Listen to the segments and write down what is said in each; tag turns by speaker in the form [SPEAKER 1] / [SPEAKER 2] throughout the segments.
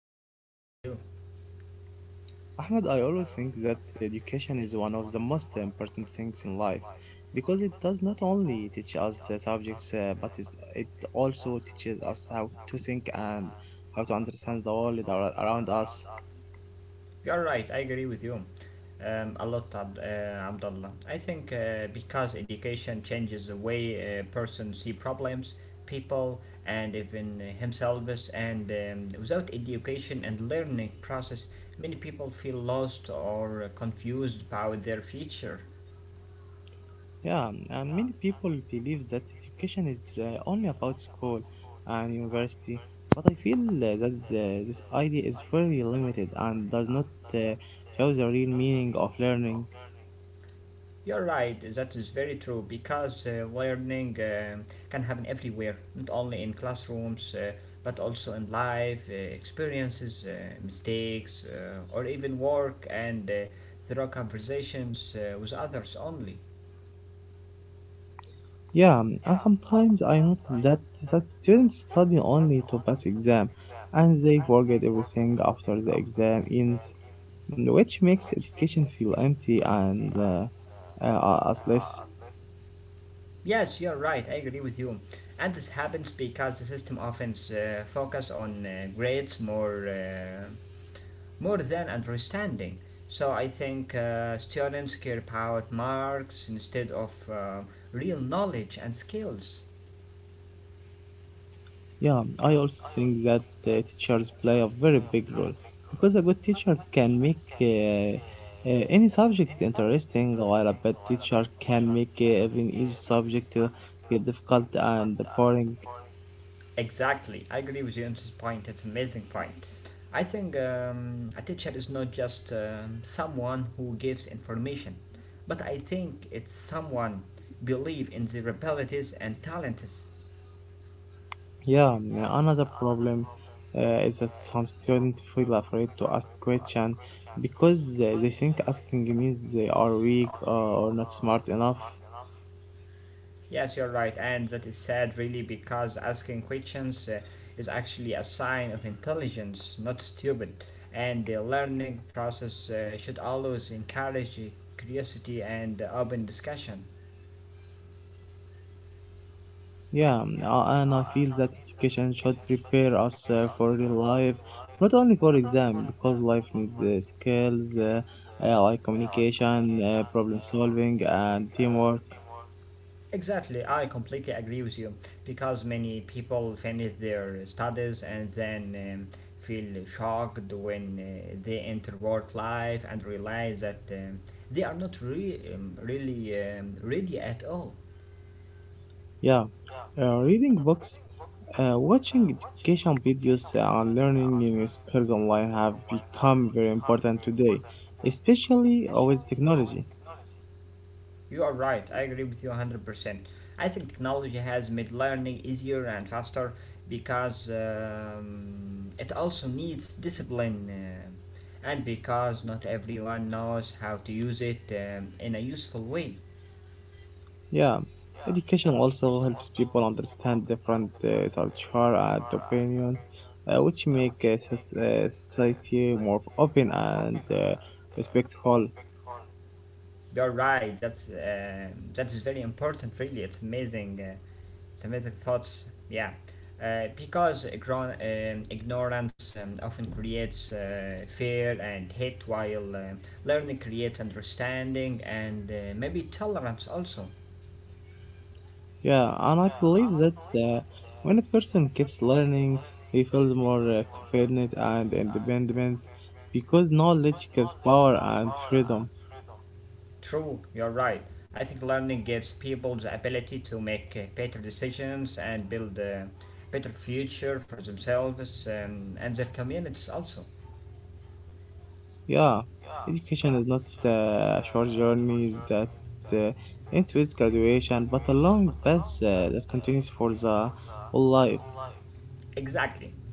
[SPEAKER 1] I am fine, thank you.
[SPEAKER 2] Ahmed, I always think that education is one of the most important things in life because it does not only teach us the subjects but it also teaches us how to think and how to understand the world around us.
[SPEAKER 1] You're right, I agree with you a lot, Abdullah. I think because education changes the way a person see problems, people, and even himself, and without education and learning process, many people feel lost or confused about their future.
[SPEAKER 2] Yeah, and many people believe that education is only about school and university, but I feel that this idea is very limited and does not uh, show the real meaning of learning.
[SPEAKER 1] You're right, that is very true because learning can happen everywhere, not only in classrooms but also in life experiences, mistakes, or even work and through conversations with others only.
[SPEAKER 2] Yeah, and sometimes I notice that students study only to pass exam, and they forget everything after the exam ends, which makes education feel empty and as less.
[SPEAKER 1] Yes, you're right, I agree with you. And this happens because the system often focus on grades more. More than understanding. So I think students care about marks instead of real knowledge and skills.
[SPEAKER 2] Yeah, I also think that teachers play a very big role because a good teacher can make any subject interesting, while a bad teacher can make even easy subject feel difficult and boring.
[SPEAKER 1] Exactly, I agree with you on this point. It's an amazing point. I think a teacher is not just someone who gives information, but I think it's someone believe in their abilities and talents.
[SPEAKER 2] Yeah, another problem is that some students feel afraid to ask questions because they think asking means they are weak or not smart enough.
[SPEAKER 1] Yes, you're right, and that is sad really because asking questions is actually a sign of intelligence, not stupid. And the learning process should always encourage curiosity and open discussion.
[SPEAKER 2] Yeah, and I feel that education should prepare us for real life, not only for exam, because life needs skills like communication, problem solving, and teamwork.
[SPEAKER 1] Exactly, I completely agree with you because many people finish their studies and then feel shocked when they enter work life and realize that they are not re- really ready at all.
[SPEAKER 2] Yeah, reading books, watching education videos, and learning new skills online have become very important today, especially with technology.
[SPEAKER 1] You are right, I agree with you 100%. I think technology has made learning easier and faster because it also needs discipline and because not everyone knows how to use it in a useful way.
[SPEAKER 2] Yeah, education also helps people understand different culture and opinions, which make society more open and respectful.
[SPEAKER 1] You're right, that is very important, really. It's amazing. Semitic thoughts, yeah. Because grown, ignorance often creates fear and hate, while learning creates understanding and maybe tolerance also.
[SPEAKER 2] Yeah, and I believe that when a person keeps learning, he feels more confident and independent because knowledge gives power and freedom.
[SPEAKER 1] True, you're right. I think learning gives people the ability to make better decisions and build a better future for themselves and their communities also.
[SPEAKER 2] Yeah, education is not a short journey that uh, ends with graduation, but a long path that continues for the whole life.
[SPEAKER 1] Exactly.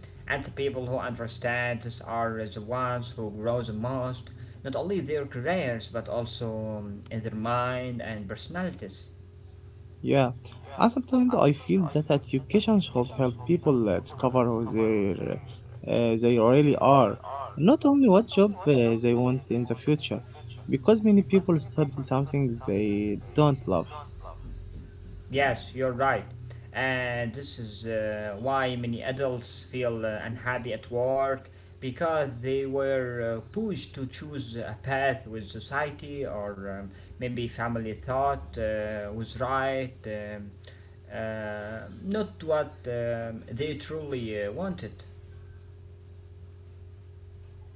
[SPEAKER 1] And the people who understand this are the ones who grow the most, not only their careers, but also in their mind and personalities.
[SPEAKER 2] Yeah, and sometimes I feel that education should help people discover who they really are, not only what job they want in the future, because many people study something they don't love.
[SPEAKER 1] Yes, you're right. And this is why many adults feel unhappy at work because they were pushed to choose a path with society or maybe family thought was right, not what they truly wanted.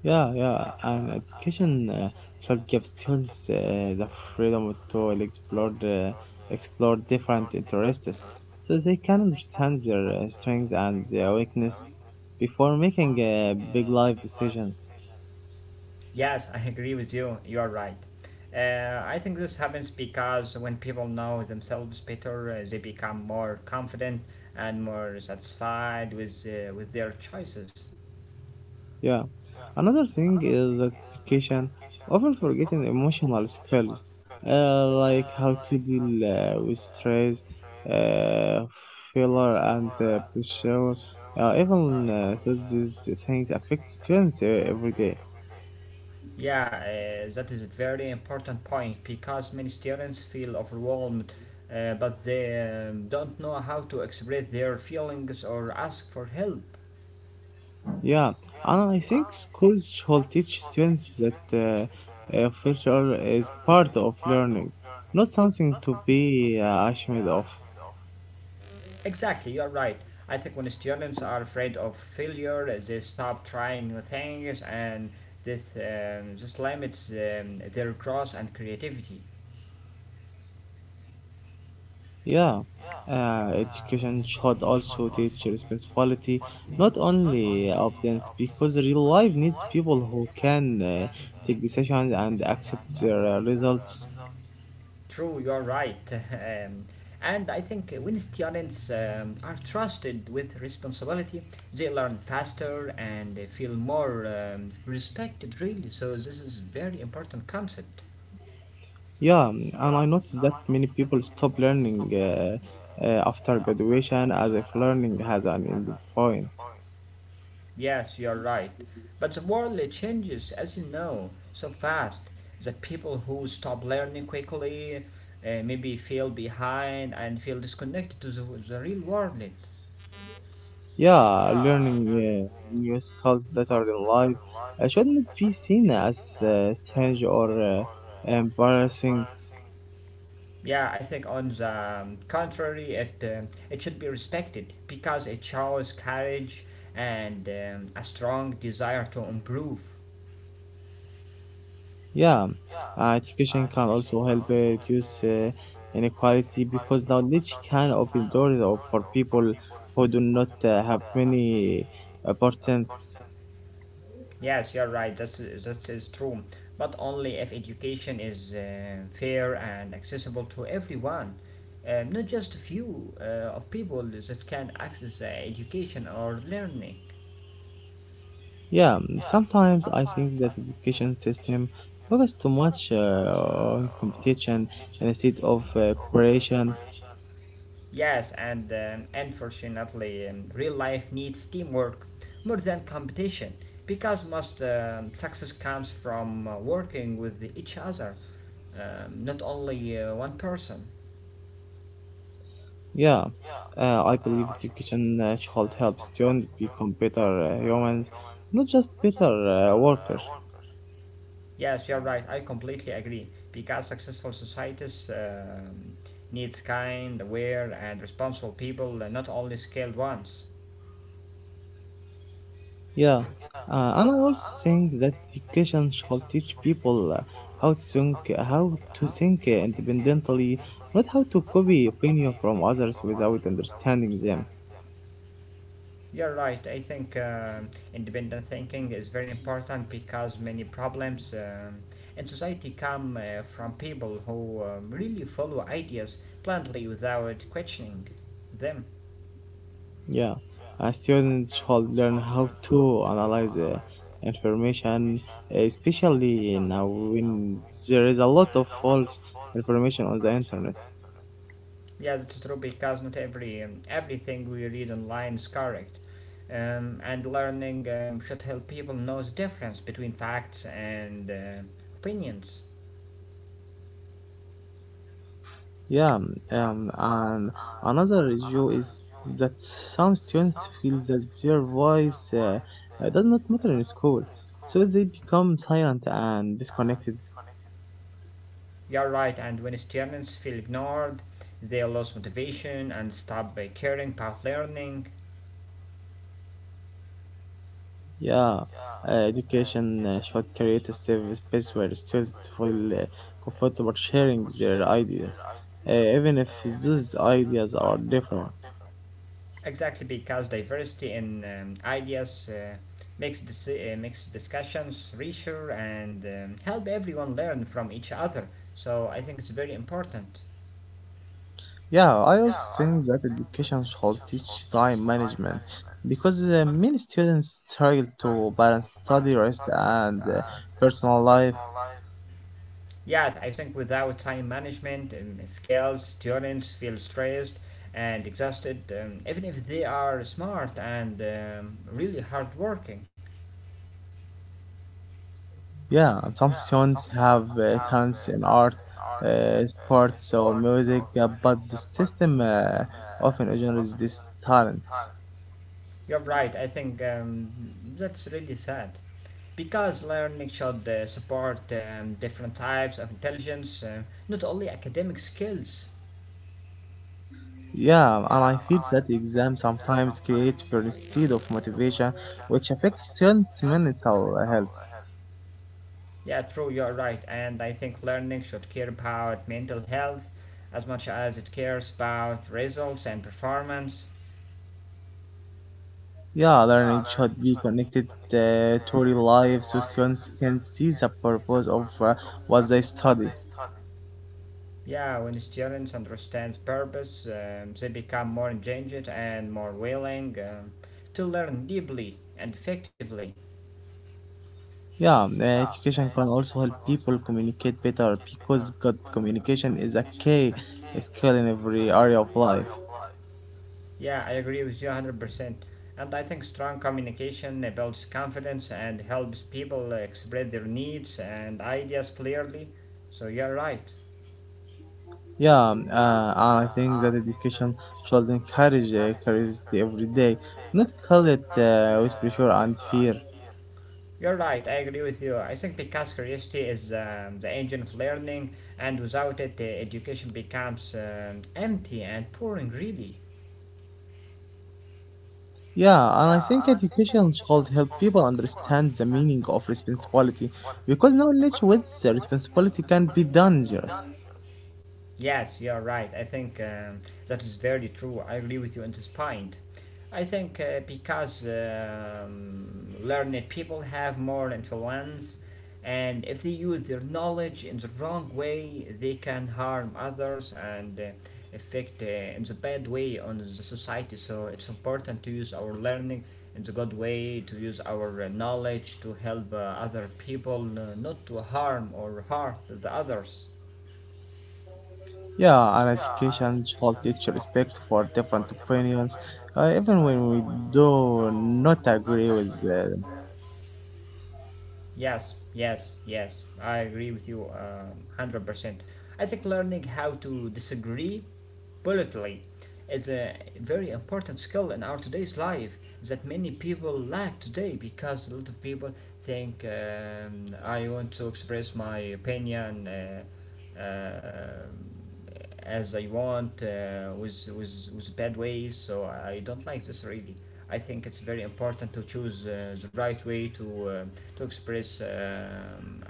[SPEAKER 2] Yeah, yeah, and education should give students the freedom to explore different interests, so they can understand their strengths and their weakness before making big life decisions.
[SPEAKER 1] Yes, I agree with you. You are right. I think this happens because when people know themselves better, they become more confident and more satisfied with their choices.
[SPEAKER 2] Yeah. Another thing is that education often forgetting emotional skills, like how to deal with stress, uh, failure, and pressure. These things affect students every day.
[SPEAKER 1] Yeah, that is a very important point because many students feel overwhelmed, but they don't know how to express their feelings or ask for help.
[SPEAKER 2] Yeah, and I think schools should teach students that failure is part of learning, not something to be ashamed of.
[SPEAKER 1] Exactly, you're right. I think when students are afraid of failure, they stop trying new things, and this limits their growth and creativity.
[SPEAKER 2] Yeah, education should also teach responsibility, not only obedience, because real life needs people who can take decisions and accept their results.
[SPEAKER 1] True, you're right. And I think when students are trusted with responsibility, they learn faster and they feel more respected. Really, so this is very important concept.
[SPEAKER 2] Yeah, and I noticed that many people stop learning after graduation as if learning has an ending point.
[SPEAKER 1] Yes, you're right. But the world it changes, as you know, so fast that people who stop learning quickly maybe feel behind and feel disconnected to the real world.
[SPEAKER 2] Yeah, learning new skills that are in life shouldn't be seen as strange or embarrassing.
[SPEAKER 1] Yeah, I think on the contrary, it should be respected because it shows courage and a strong desire to improve.
[SPEAKER 2] Yeah, education can also help reduce inequality because knowledge can open doors for people who do not have many opportunities.
[SPEAKER 1] Yes, you're right. That is true. But only if education is fair and accessible to everyone, not just a few of people that can access education or learning.
[SPEAKER 2] Yeah, sometimes I think that education system focus too much on competition instead of cooperation.
[SPEAKER 1] Yes, and unfortunately, real life needs teamwork more than competition because most success comes from working with each other, not only one person.
[SPEAKER 2] Yeah, I believe education should help students become better humans, not just better workers.
[SPEAKER 1] Yes, you're right. I completely agree. Because successful societies needs kind, aware, and responsible people, and not only skilled ones.
[SPEAKER 2] Yeah, and I also think that education should teach people how to think independently, not how to copy opinion from others without understanding them.
[SPEAKER 1] You're right. I think independent thinking is very important because many problems in society come from people who really follow ideas blindly without questioning them.
[SPEAKER 2] Yeah, a student should learn how to analyze information, especially now when there is a lot of false information on the internet.
[SPEAKER 1] Yes, it's true because not every everything we read online is correct, and learning should help people know the difference between facts and opinions.
[SPEAKER 2] Yeah, and another issue is that some students feel that their voice does not matter in school, so they become silent and disconnected.
[SPEAKER 1] You're right, and when students feel ignored, they lose motivation and stop caring about learning.
[SPEAKER 2] Yeah, education should create a safe space where students feel comfortable sharing their ideas, even if those ideas are different.
[SPEAKER 1] Exactly because diversity in ideas makes makes discussions richer and help everyone learn from each other. So I think it's very important.
[SPEAKER 2] Yeah, I also think that education should teach time management because many students struggle to balance study, rest, and personal life.
[SPEAKER 1] Yeah, I think without time management, skills, students feel stressed and exhausted, even if they are smart and really hardworking.
[SPEAKER 2] Yeah, and some students have talents in art, sports, or music, but the system often ignores these talents.
[SPEAKER 1] You're right, I think that's really sad. Because learning should support different types of intelligence, not only academic skills.
[SPEAKER 2] Yeah, and I feel that exams sometimes create fear instead of motivation, which affects students' mental health.
[SPEAKER 1] Yeah, true, you're right. And I think learning should care about mental health as much as it cares about results and performance.
[SPEAKER 2] Yeah, learning should be connected to real life so students can see the purpose of what they study.
[SPEAKER 1] Yeah, when students understands purpose, they become more engaged and more willing to learn deeply and effectively.
[SPEAKER 2] Yeah, education can also help people communicate better because good communication is a key skill in every area of life.
[SPEAKER 1] Yeah, I agree with you 100%. And I think strong communication builds confidence and helps people express their needs and ideas clearly. So you're right.
[SPEAKER 2] Yeah, I think that education should encourage curiosity every day, not call it with pressure and fear.
[SPEAKER 1] You're right, I agree with you. I think because curiosity is the engine of learning, and without it, education becomes empty and boring, really.
[SPEAKER 2] Yeah, and I think education should help people understand the meaning of responsibility because knowledge with the responsibility can be dangerous.
[SPEAKER 1] Yes, you're right. I think that is very true. I agree with you on this point. I think because learned people have more influence, and if they use their knowledge in the wrong way, they can harm others and affect in the bad way on the society. So it's important to use our learning in the good way, to use our knowledge to help other people, not to harm or hurt the others.
[SPEAKER 2] Yeah, and education should teach respect for different opinions, even when we do not agree with them.
[SPEAKER 1] Yes. I agree with you 100%. I think learning how to disagree politely is a very important skill in our today's life that many people lack today because a lot of people think I want to express my opinion uh, as I want with, with bad ways, so I don't like this really. I think it's very important to choose the right way to express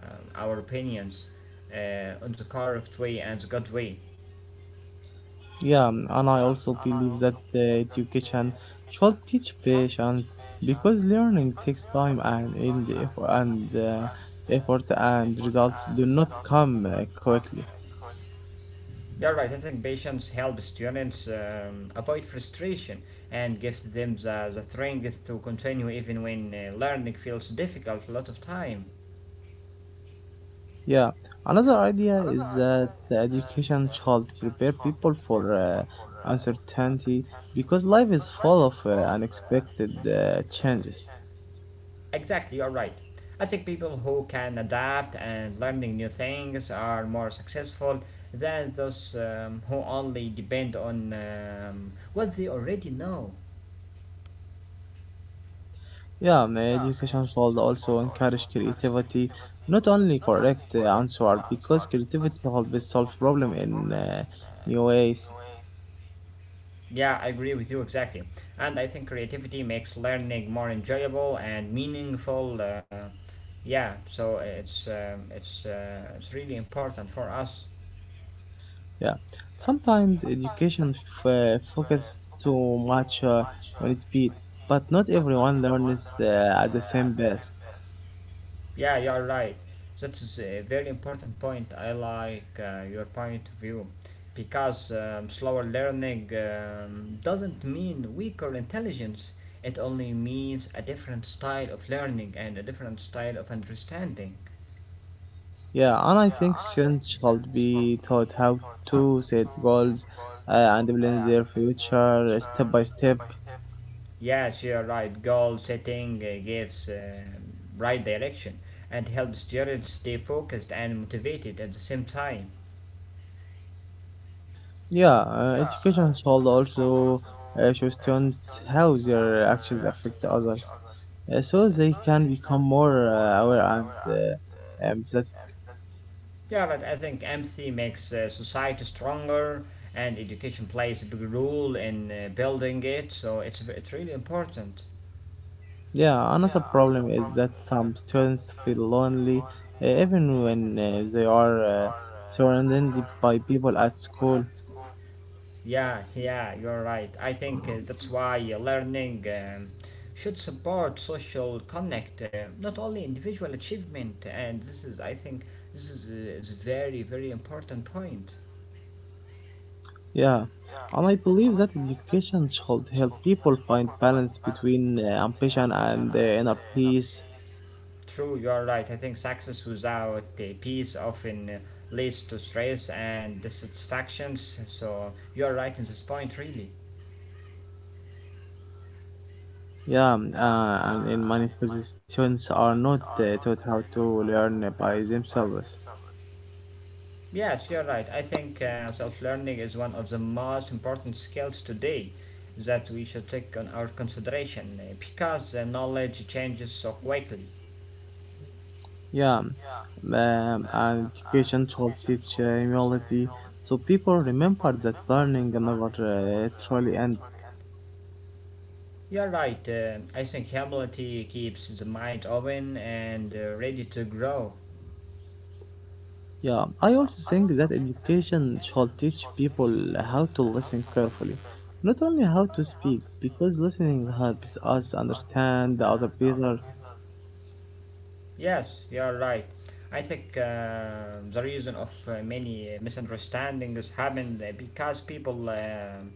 [SPEAKER 1] uh, our opinions on the correct way and the good way.
[SPEAKER 2] Yeah, and I also believe that education should teach patience because learning takes time and effort and results do not come quickly.
[SPEAKER 1] You're right. I think patience helps students avoid frustration and gives them the strength to continue even when learning feels difficult a lot of time.
[SPEAKER 2] Yeah, another idea is that the education should prepare people for uncertainty because life is full of unexpected changes.
[SPEAKER 1] Exactly, you're right. I think people who can adapt and learning new things are more successful than those who only depend on what they already know.
[SPEAKER 2] Yeah, and education should also encourage creativity, not only correct answer because creativity helps solve problem in new ways.
[SPEAKER 1] Yeah, I agree with you exactly. And I think creativity makes learning more enjoyable and meaningful. Yeah, so it's really important for us.
[SPEAKER 2] Yeah, sometimes education focus too much on speed, but not everyone learns at the same pace.
[SPEAKER 1] Yeah, you're right. That's a very important point. I like your point of view because slower learning doesn't mean weaker intelligence. It only means a different style of learning and a different style of understanding.
[SPEAKER 2] Yeah, and I think students should be taught how to set goals and plan their future step by step.
[SPEAKER 1] Yes, you're right. Goal setting gives right direction and helps students stay focused and motivated at the same time.
[SPEAKER 2] Yeah, education should also show students how their actions affect others, so they can become more aware and that.
[SPEAKER 1] Yeah, right. I think empathy makes society stronger, and education plays a big role in building it. So it's really important.
[SPEAKER 2] Yeah, another problem is that some students feel lonely even when they are surrounded by people at school.
[SPEAKER 1] Yeah, yeah, you're right. I think that's why learning should support social connect, not only individual achievement. And this is, I think, this is very, very important point.
[SPEAKER 2] Yeah, and I believe that education should help people find balance between ambition and inner peace.
[SPEAKER 1] True, you are right. I think success without peace often leads to stress and dissatisfactions. So you are right in this point, really.
[SPEAKER 2] Yeah, and in many places, students are not taught how to learn by themselves.
[SPEAKER 1] Yes, you're right. I think self learning is one of the most important skills today that we should take on our consideration because knowledge changes so quickly.
[SPEAKER 2] Yeah, and education should teach humility so people remember that learning never truly ends.
[SPEAKER 1] You're right. I think humility keeps the mind open and ready to grow.
[SPEAKER 2] Yeah, I also think that education should teach people how to listen carefully, not only how to speak, because listening helps us understand the other better.
[SPEAKER 1] Yes, you're right. I think the reason of many misunderstandings happen because people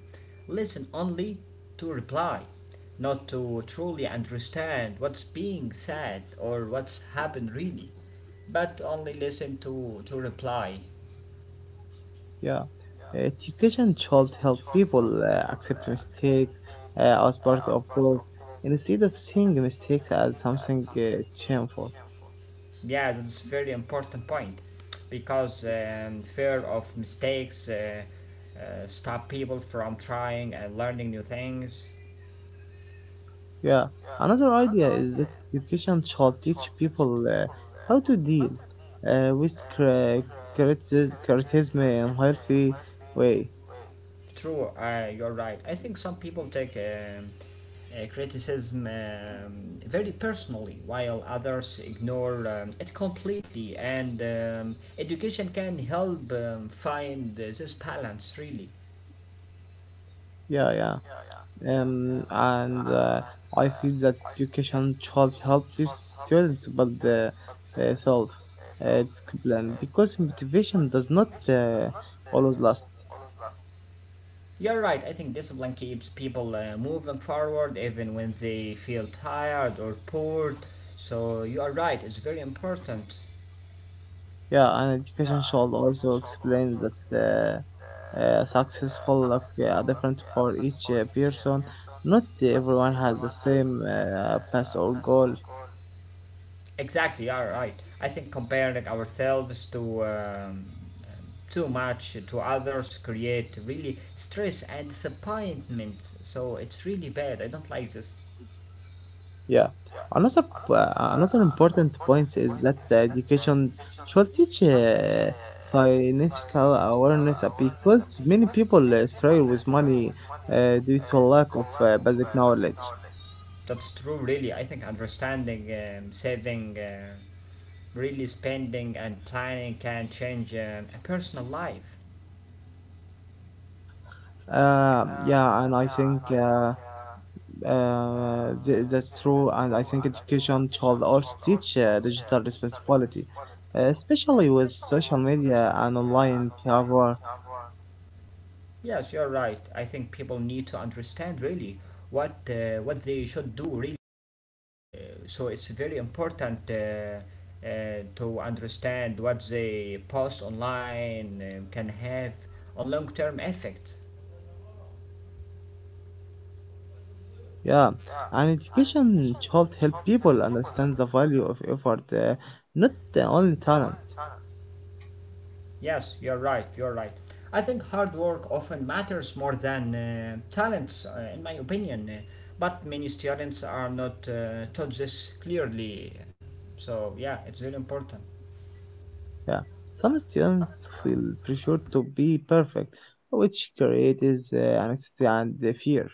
[SPEAKER 1] listen only to reply, not to truly understand what's being said or what's happened really, but only listen to reply.
[SPEAKER 2] Yeah, education should help people accept mistakes as part of growth instead of seeing mistakes as something shameful.
[SPEAKER 1] Yeah, that's very important point because fear of mistakes stop people from trying and learning new things.
[SPEAKER 2] Yeah, another idea is that education should teach people how to deal with criticism in a healthy way.
[SPEAKER 1] True, you're right. I think some people take criticism very personally, while others ignore it completely. And education can help find this balance, really.
[SPEAKER 2] Yeah, yeah. And I feel that education should help these students build the self discipline because motivation does not always last.
[SPEAKER 1] You're right. I think discipline keeps people moving forward even when they feel tired or bored. So you are right. It's very important.
[SPEAKER 2] Yeah, and education should also explain that successful look different for each person. Not everyone has the same path or goal.
[SPEAKER 1] Exactly, you are right. I think comparing like, ourselves to too much to others create really stress and disappointment. So it's really bad. I don't like this.
[SPEAKER 2] Yeah. Another another important point is that the education should teach financial awareness because many people struggle with money due to a lack of basic knowledge.
[SPEAKER 1] That's true, really. I think understanding, saving, really spending and planning can change a personal life.
[SPEAKER 2] Yeah, and I think. Th- That's true, and I think education should also teach digital responsibility, especially with social media and online behavior.
[SPEAKER 1] Yes, you're right. I think people need to understand really what they should do really. So it's very important to understand what they post online can have on long term effect.
[SPEAKER 2] Yeah, and education should help people understand the value of effort, not the only talent.
[SPEAKER 1] Yes, you're right. I think hard work often matters more than talents, in my opinion, but many students are not taught this clearly. So, yeah, it's very important.
[SPEAKER 2] Yeah, some students feel pressure to be perfect, which creates anxiety and the fear.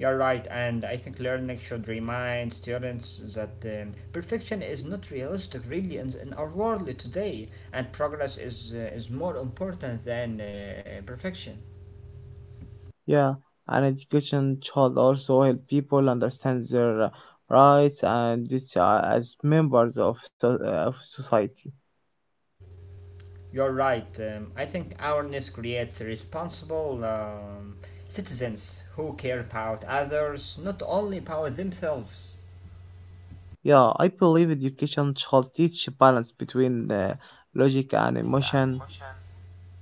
[SPEAKER 1] You're right, and I think learning should remind students that perfection is not realistic really in our world today, and progress is more important than perfection.
[SPEAKER 2] Yeah, and education should also help people understand their rights and duties as members of society.
[SPEAKER 1] You're right, I think awareness creates responsible citizens who care about others, not only about themselves.
[SPEAKER 2] Yeah, I believe education should teach balance between logic and emotion.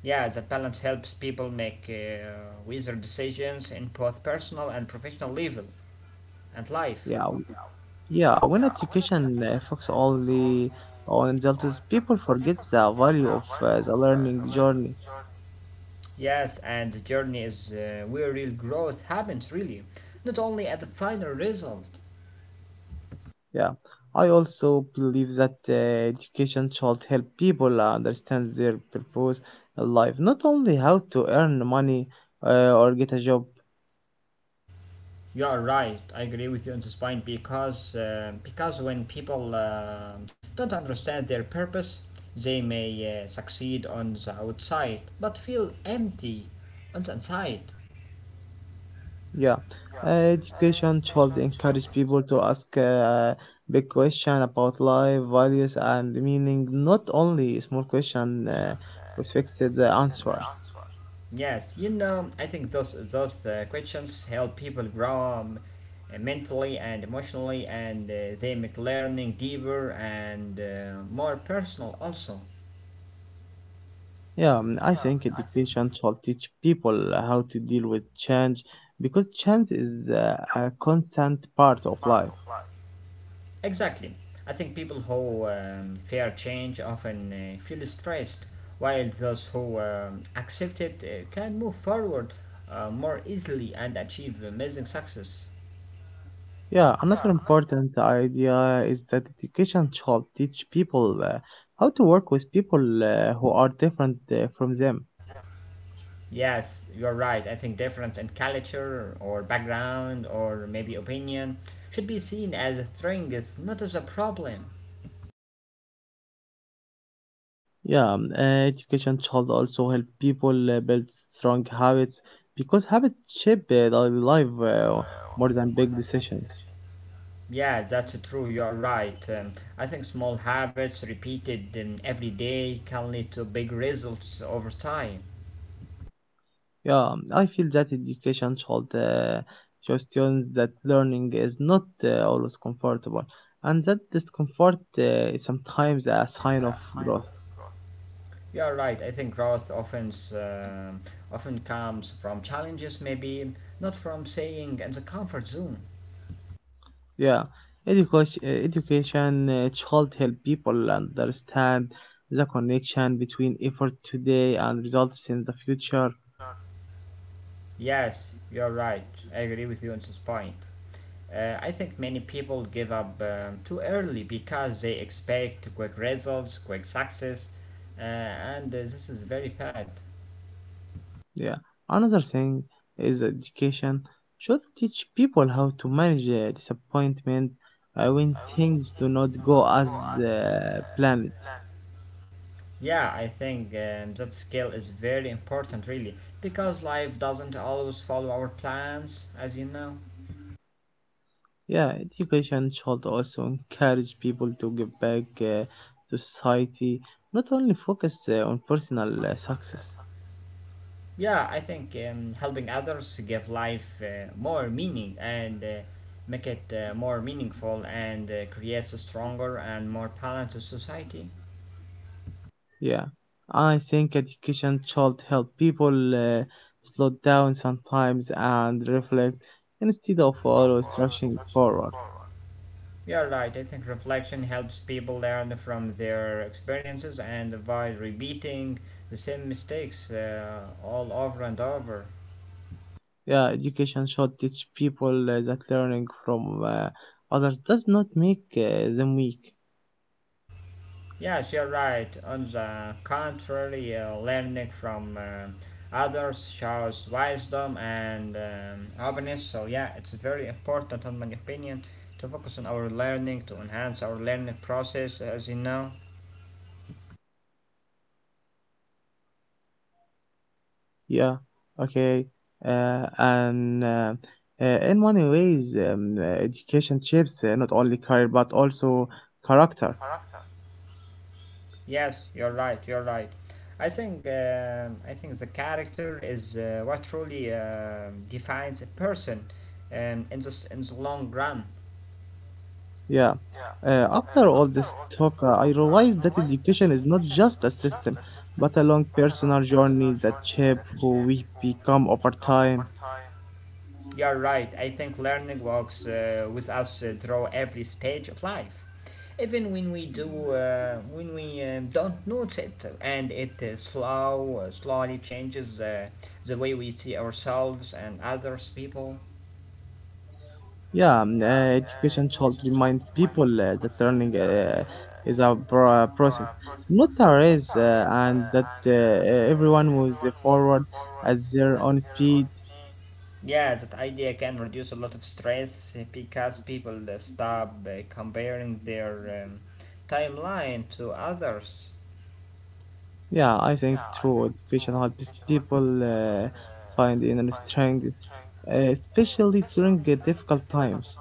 [SPEAKER 1] Yeah, that balance helps people make wiser decisions in both personal and professional level and
[SPEAKER 2] Yeah,
[SPEAKER 1] life.
[SPEAKER 2] w- yeah. When education focuses only on results, people forget the value of the learning journey.
[SPEAKER 1] Yes, and the journey is where real growth happens, really, not only at the final result.
[SPEAKER 2] Yeah, I also believe that education should help people understand their purpose in life, not only how to earn money or get a job.
[SPEAKER 1] You are right. I agree with you on this point because when people don't understand their purpose, they may succeed on the outside but feel empty on the inside.
[SPEAKER 2] Yeah, uh, education should encourage people to ask big question about life, values, and meaning, not only small question with fixed answers.
[SPEAKER 1] Yes, you know, I think those questions help people grow mentally and emotionally, and they make learning deeper and more personal also.
[SPEAKER 2] Yeah, I think education should teach people how to deal with change because change is a constant part of life.
[SPEAKER 1] Exactly. I think people who fear change often feel stressed, while those who accept it can move forward more easily and achieve amazing success.
[SPEAKER 2] Yeah, another important idea is that education should teach people how to work with people who are different from them.
[SPEAKER 1] Yes, you're right. I think difference in culture or background or maybe opinion should be seen as a strength, not as a problem.
[SPEAKER 2] Yeah, education should also help people build strong habits because habits shape daily life more than big decisions.
[SPEAKER 1] Yeah, that's true. You're right. I think small habits repeated every day can lead to big results over time.
[SPEAKER 2] Yeah, I feel that education should show students that learning is not always comfortable and that discomfort is sometimes a sign of growth.
[SPEAKER 1] You are right. I think growth often comes from challenges, maybe not from staying in the comfort zone.
[SPEAKER 2] Yeah, education should help people understand the connection between effort today and results in the future.
[SPEAKER 1] Yes, you are right. I agree with you on this point. I think many people give up too early because they expect quick results, quick success, and this is very bad.
[SPEAKER 2] Yeah, another thing is education should teach people how to manage disappointment when things do not go as planned.
[SPEAKER 1] Yeah, I think that skill is very important, really, because life doesn't always follow our plans, as you know.
[SPEAKER 2] Yeah, education should also encourage people to give back to society, not only focus on personal success.
[SPEAKER 1] Yeah, I think helping others give life more meaning and make it more meaningful and creates a stronger and more balanced society.
[SPEAKER 2] Yeah, I think education should help people slow down sometimes and reflect instead of always rushing forward.
[SPEAKER 1] You're right, I think reflection helps people learn from their experiences and avoid repeating the same mistakes all over and over.
[SPEAKER 2] Yeah, education should teach people that learning from others does not make them weak.
[SPEAKER 1] Yes, you're right. On the contrary, learning from others shows wisdom and openness. So, yeah, it's very important, in my opinion, to focus on our learning, to enhance our learning process, as you know.
[SPEAKER 2] Yeah, okay. And In many ways, education shapes not only career but also character.
[SPEAKER 1] Yes, you're right. I think the character is what truly defines a person in the long run.
[SPEAKER 2] Yeah. After all this talk, I realized that education is not just a system, but a long personal journey that shape who we become over time.
[SPEAKER 1] You're right. I think learning walks with us through every stage of life, even when we don't notice it, and it slowly changes the way we see ourselves and others people.
[SPEAKER 2] Yeah, education should remind people that learning is a process, not a race, and that everyone moves forward at their own speed.
[SPEAKER 1] Yeah, that idea can reduce a lot of stress because people stop comparing their timeline to others.
[SPEAKER 2] Yeah, I think true education helps people find inner strength, especially during difficult times.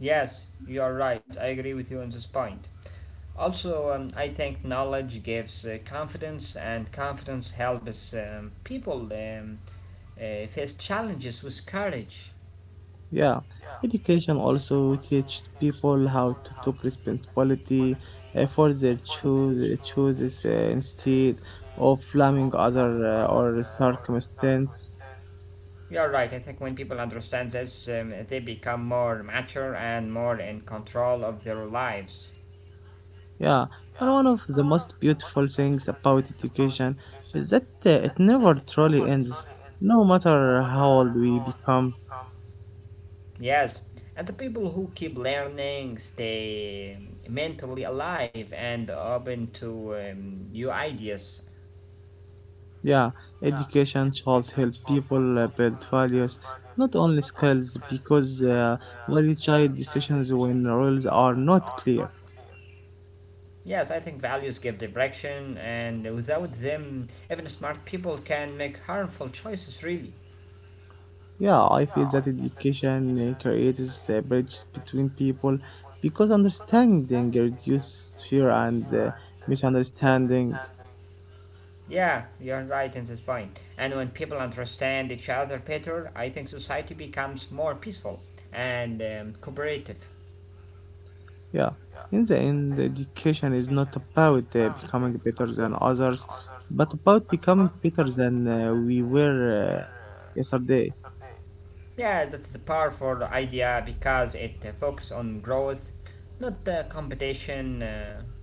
[SPEAKER 1] Yes, you are right. I agree with you on this point. Also, I think knowledge gives confidence, and confidence helps people face challenges with courage.
[SPEAKER 2] Yeah, education also teaches people how to take responsibility for their choices instead of blaming other or circumstance.
[SPEAKER 1] You're right. I think when people understand this, they become more mature and more in control of their lives.
[SPEAKER 2] Yeah, and one of the most beautiful things about education is that it never truly ends, no matter how old we become.
[SPEAKER 1] Yes, and the people who keep learning stay mentally alive and open to new ideas.
[SPEAKER 2] Yeah, education should help people build values, not only skills, because only child decisions when rules are not clear.
[SPEAKER 1] Yes, I think values give direction, and without them, even smart people can make harmful choices, really.
[SPEAKER 2] Yeah, I feel that education creates a bridge between people because understanding reduces fear and misunderstanding.
[SPEAKER 1] Yeah, you're right in this point. And when people understand each other better, I think society becomes more peaceful and cooperative.
[SPEAKER 2] Yeah, in the end, education is not about becoming better than others, but about becoming better than we were yesterday.
[SPEAKER 1] Yeah, that's a powerful idea because it focuses on growth, not competition.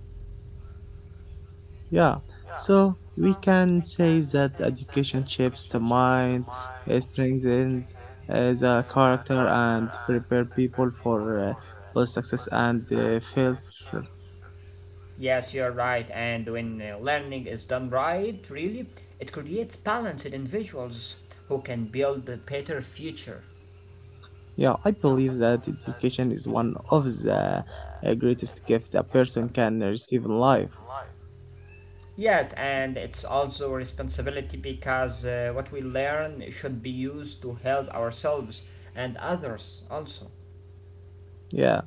[SPEAKER 2] Yeah, so we can say that education shapes the mind, strengthens the character, and prepare people for both success and failure.
[SPEAKER 1] Yes, you're right, and when learning is done right, really, it creates balanced individuals who can build a better future.
[SPEAKER 2] Yeah, I believe that education is one of the greatest gift a person can receive in life.
[SPEAKER 1] Yes, and it's also a responsibility because what we learn should be used to help ourselves and others also.
[SPEAKER 2] Yeah.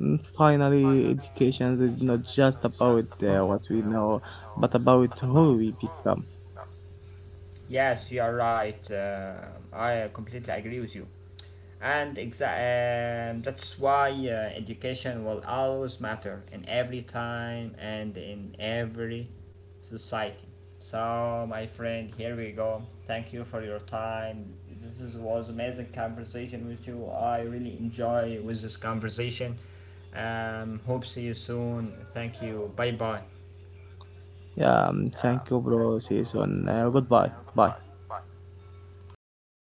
[SPEAKER 2] Finally, education is not just about what we know, but about who we become.
[SPEAKER 1] Yes, you are right. I completely agree with you. And that's why education will always matter in every time and in every society. So, my friend, here we go. Thank you for your time. Was amazing conversation with you. I really enjoy with this conversation. Hope see you soon. Thank you. Bye bye.
[SPEAKER 2] Yeah, thank you, bro. See you soon. Goodbye. Bye.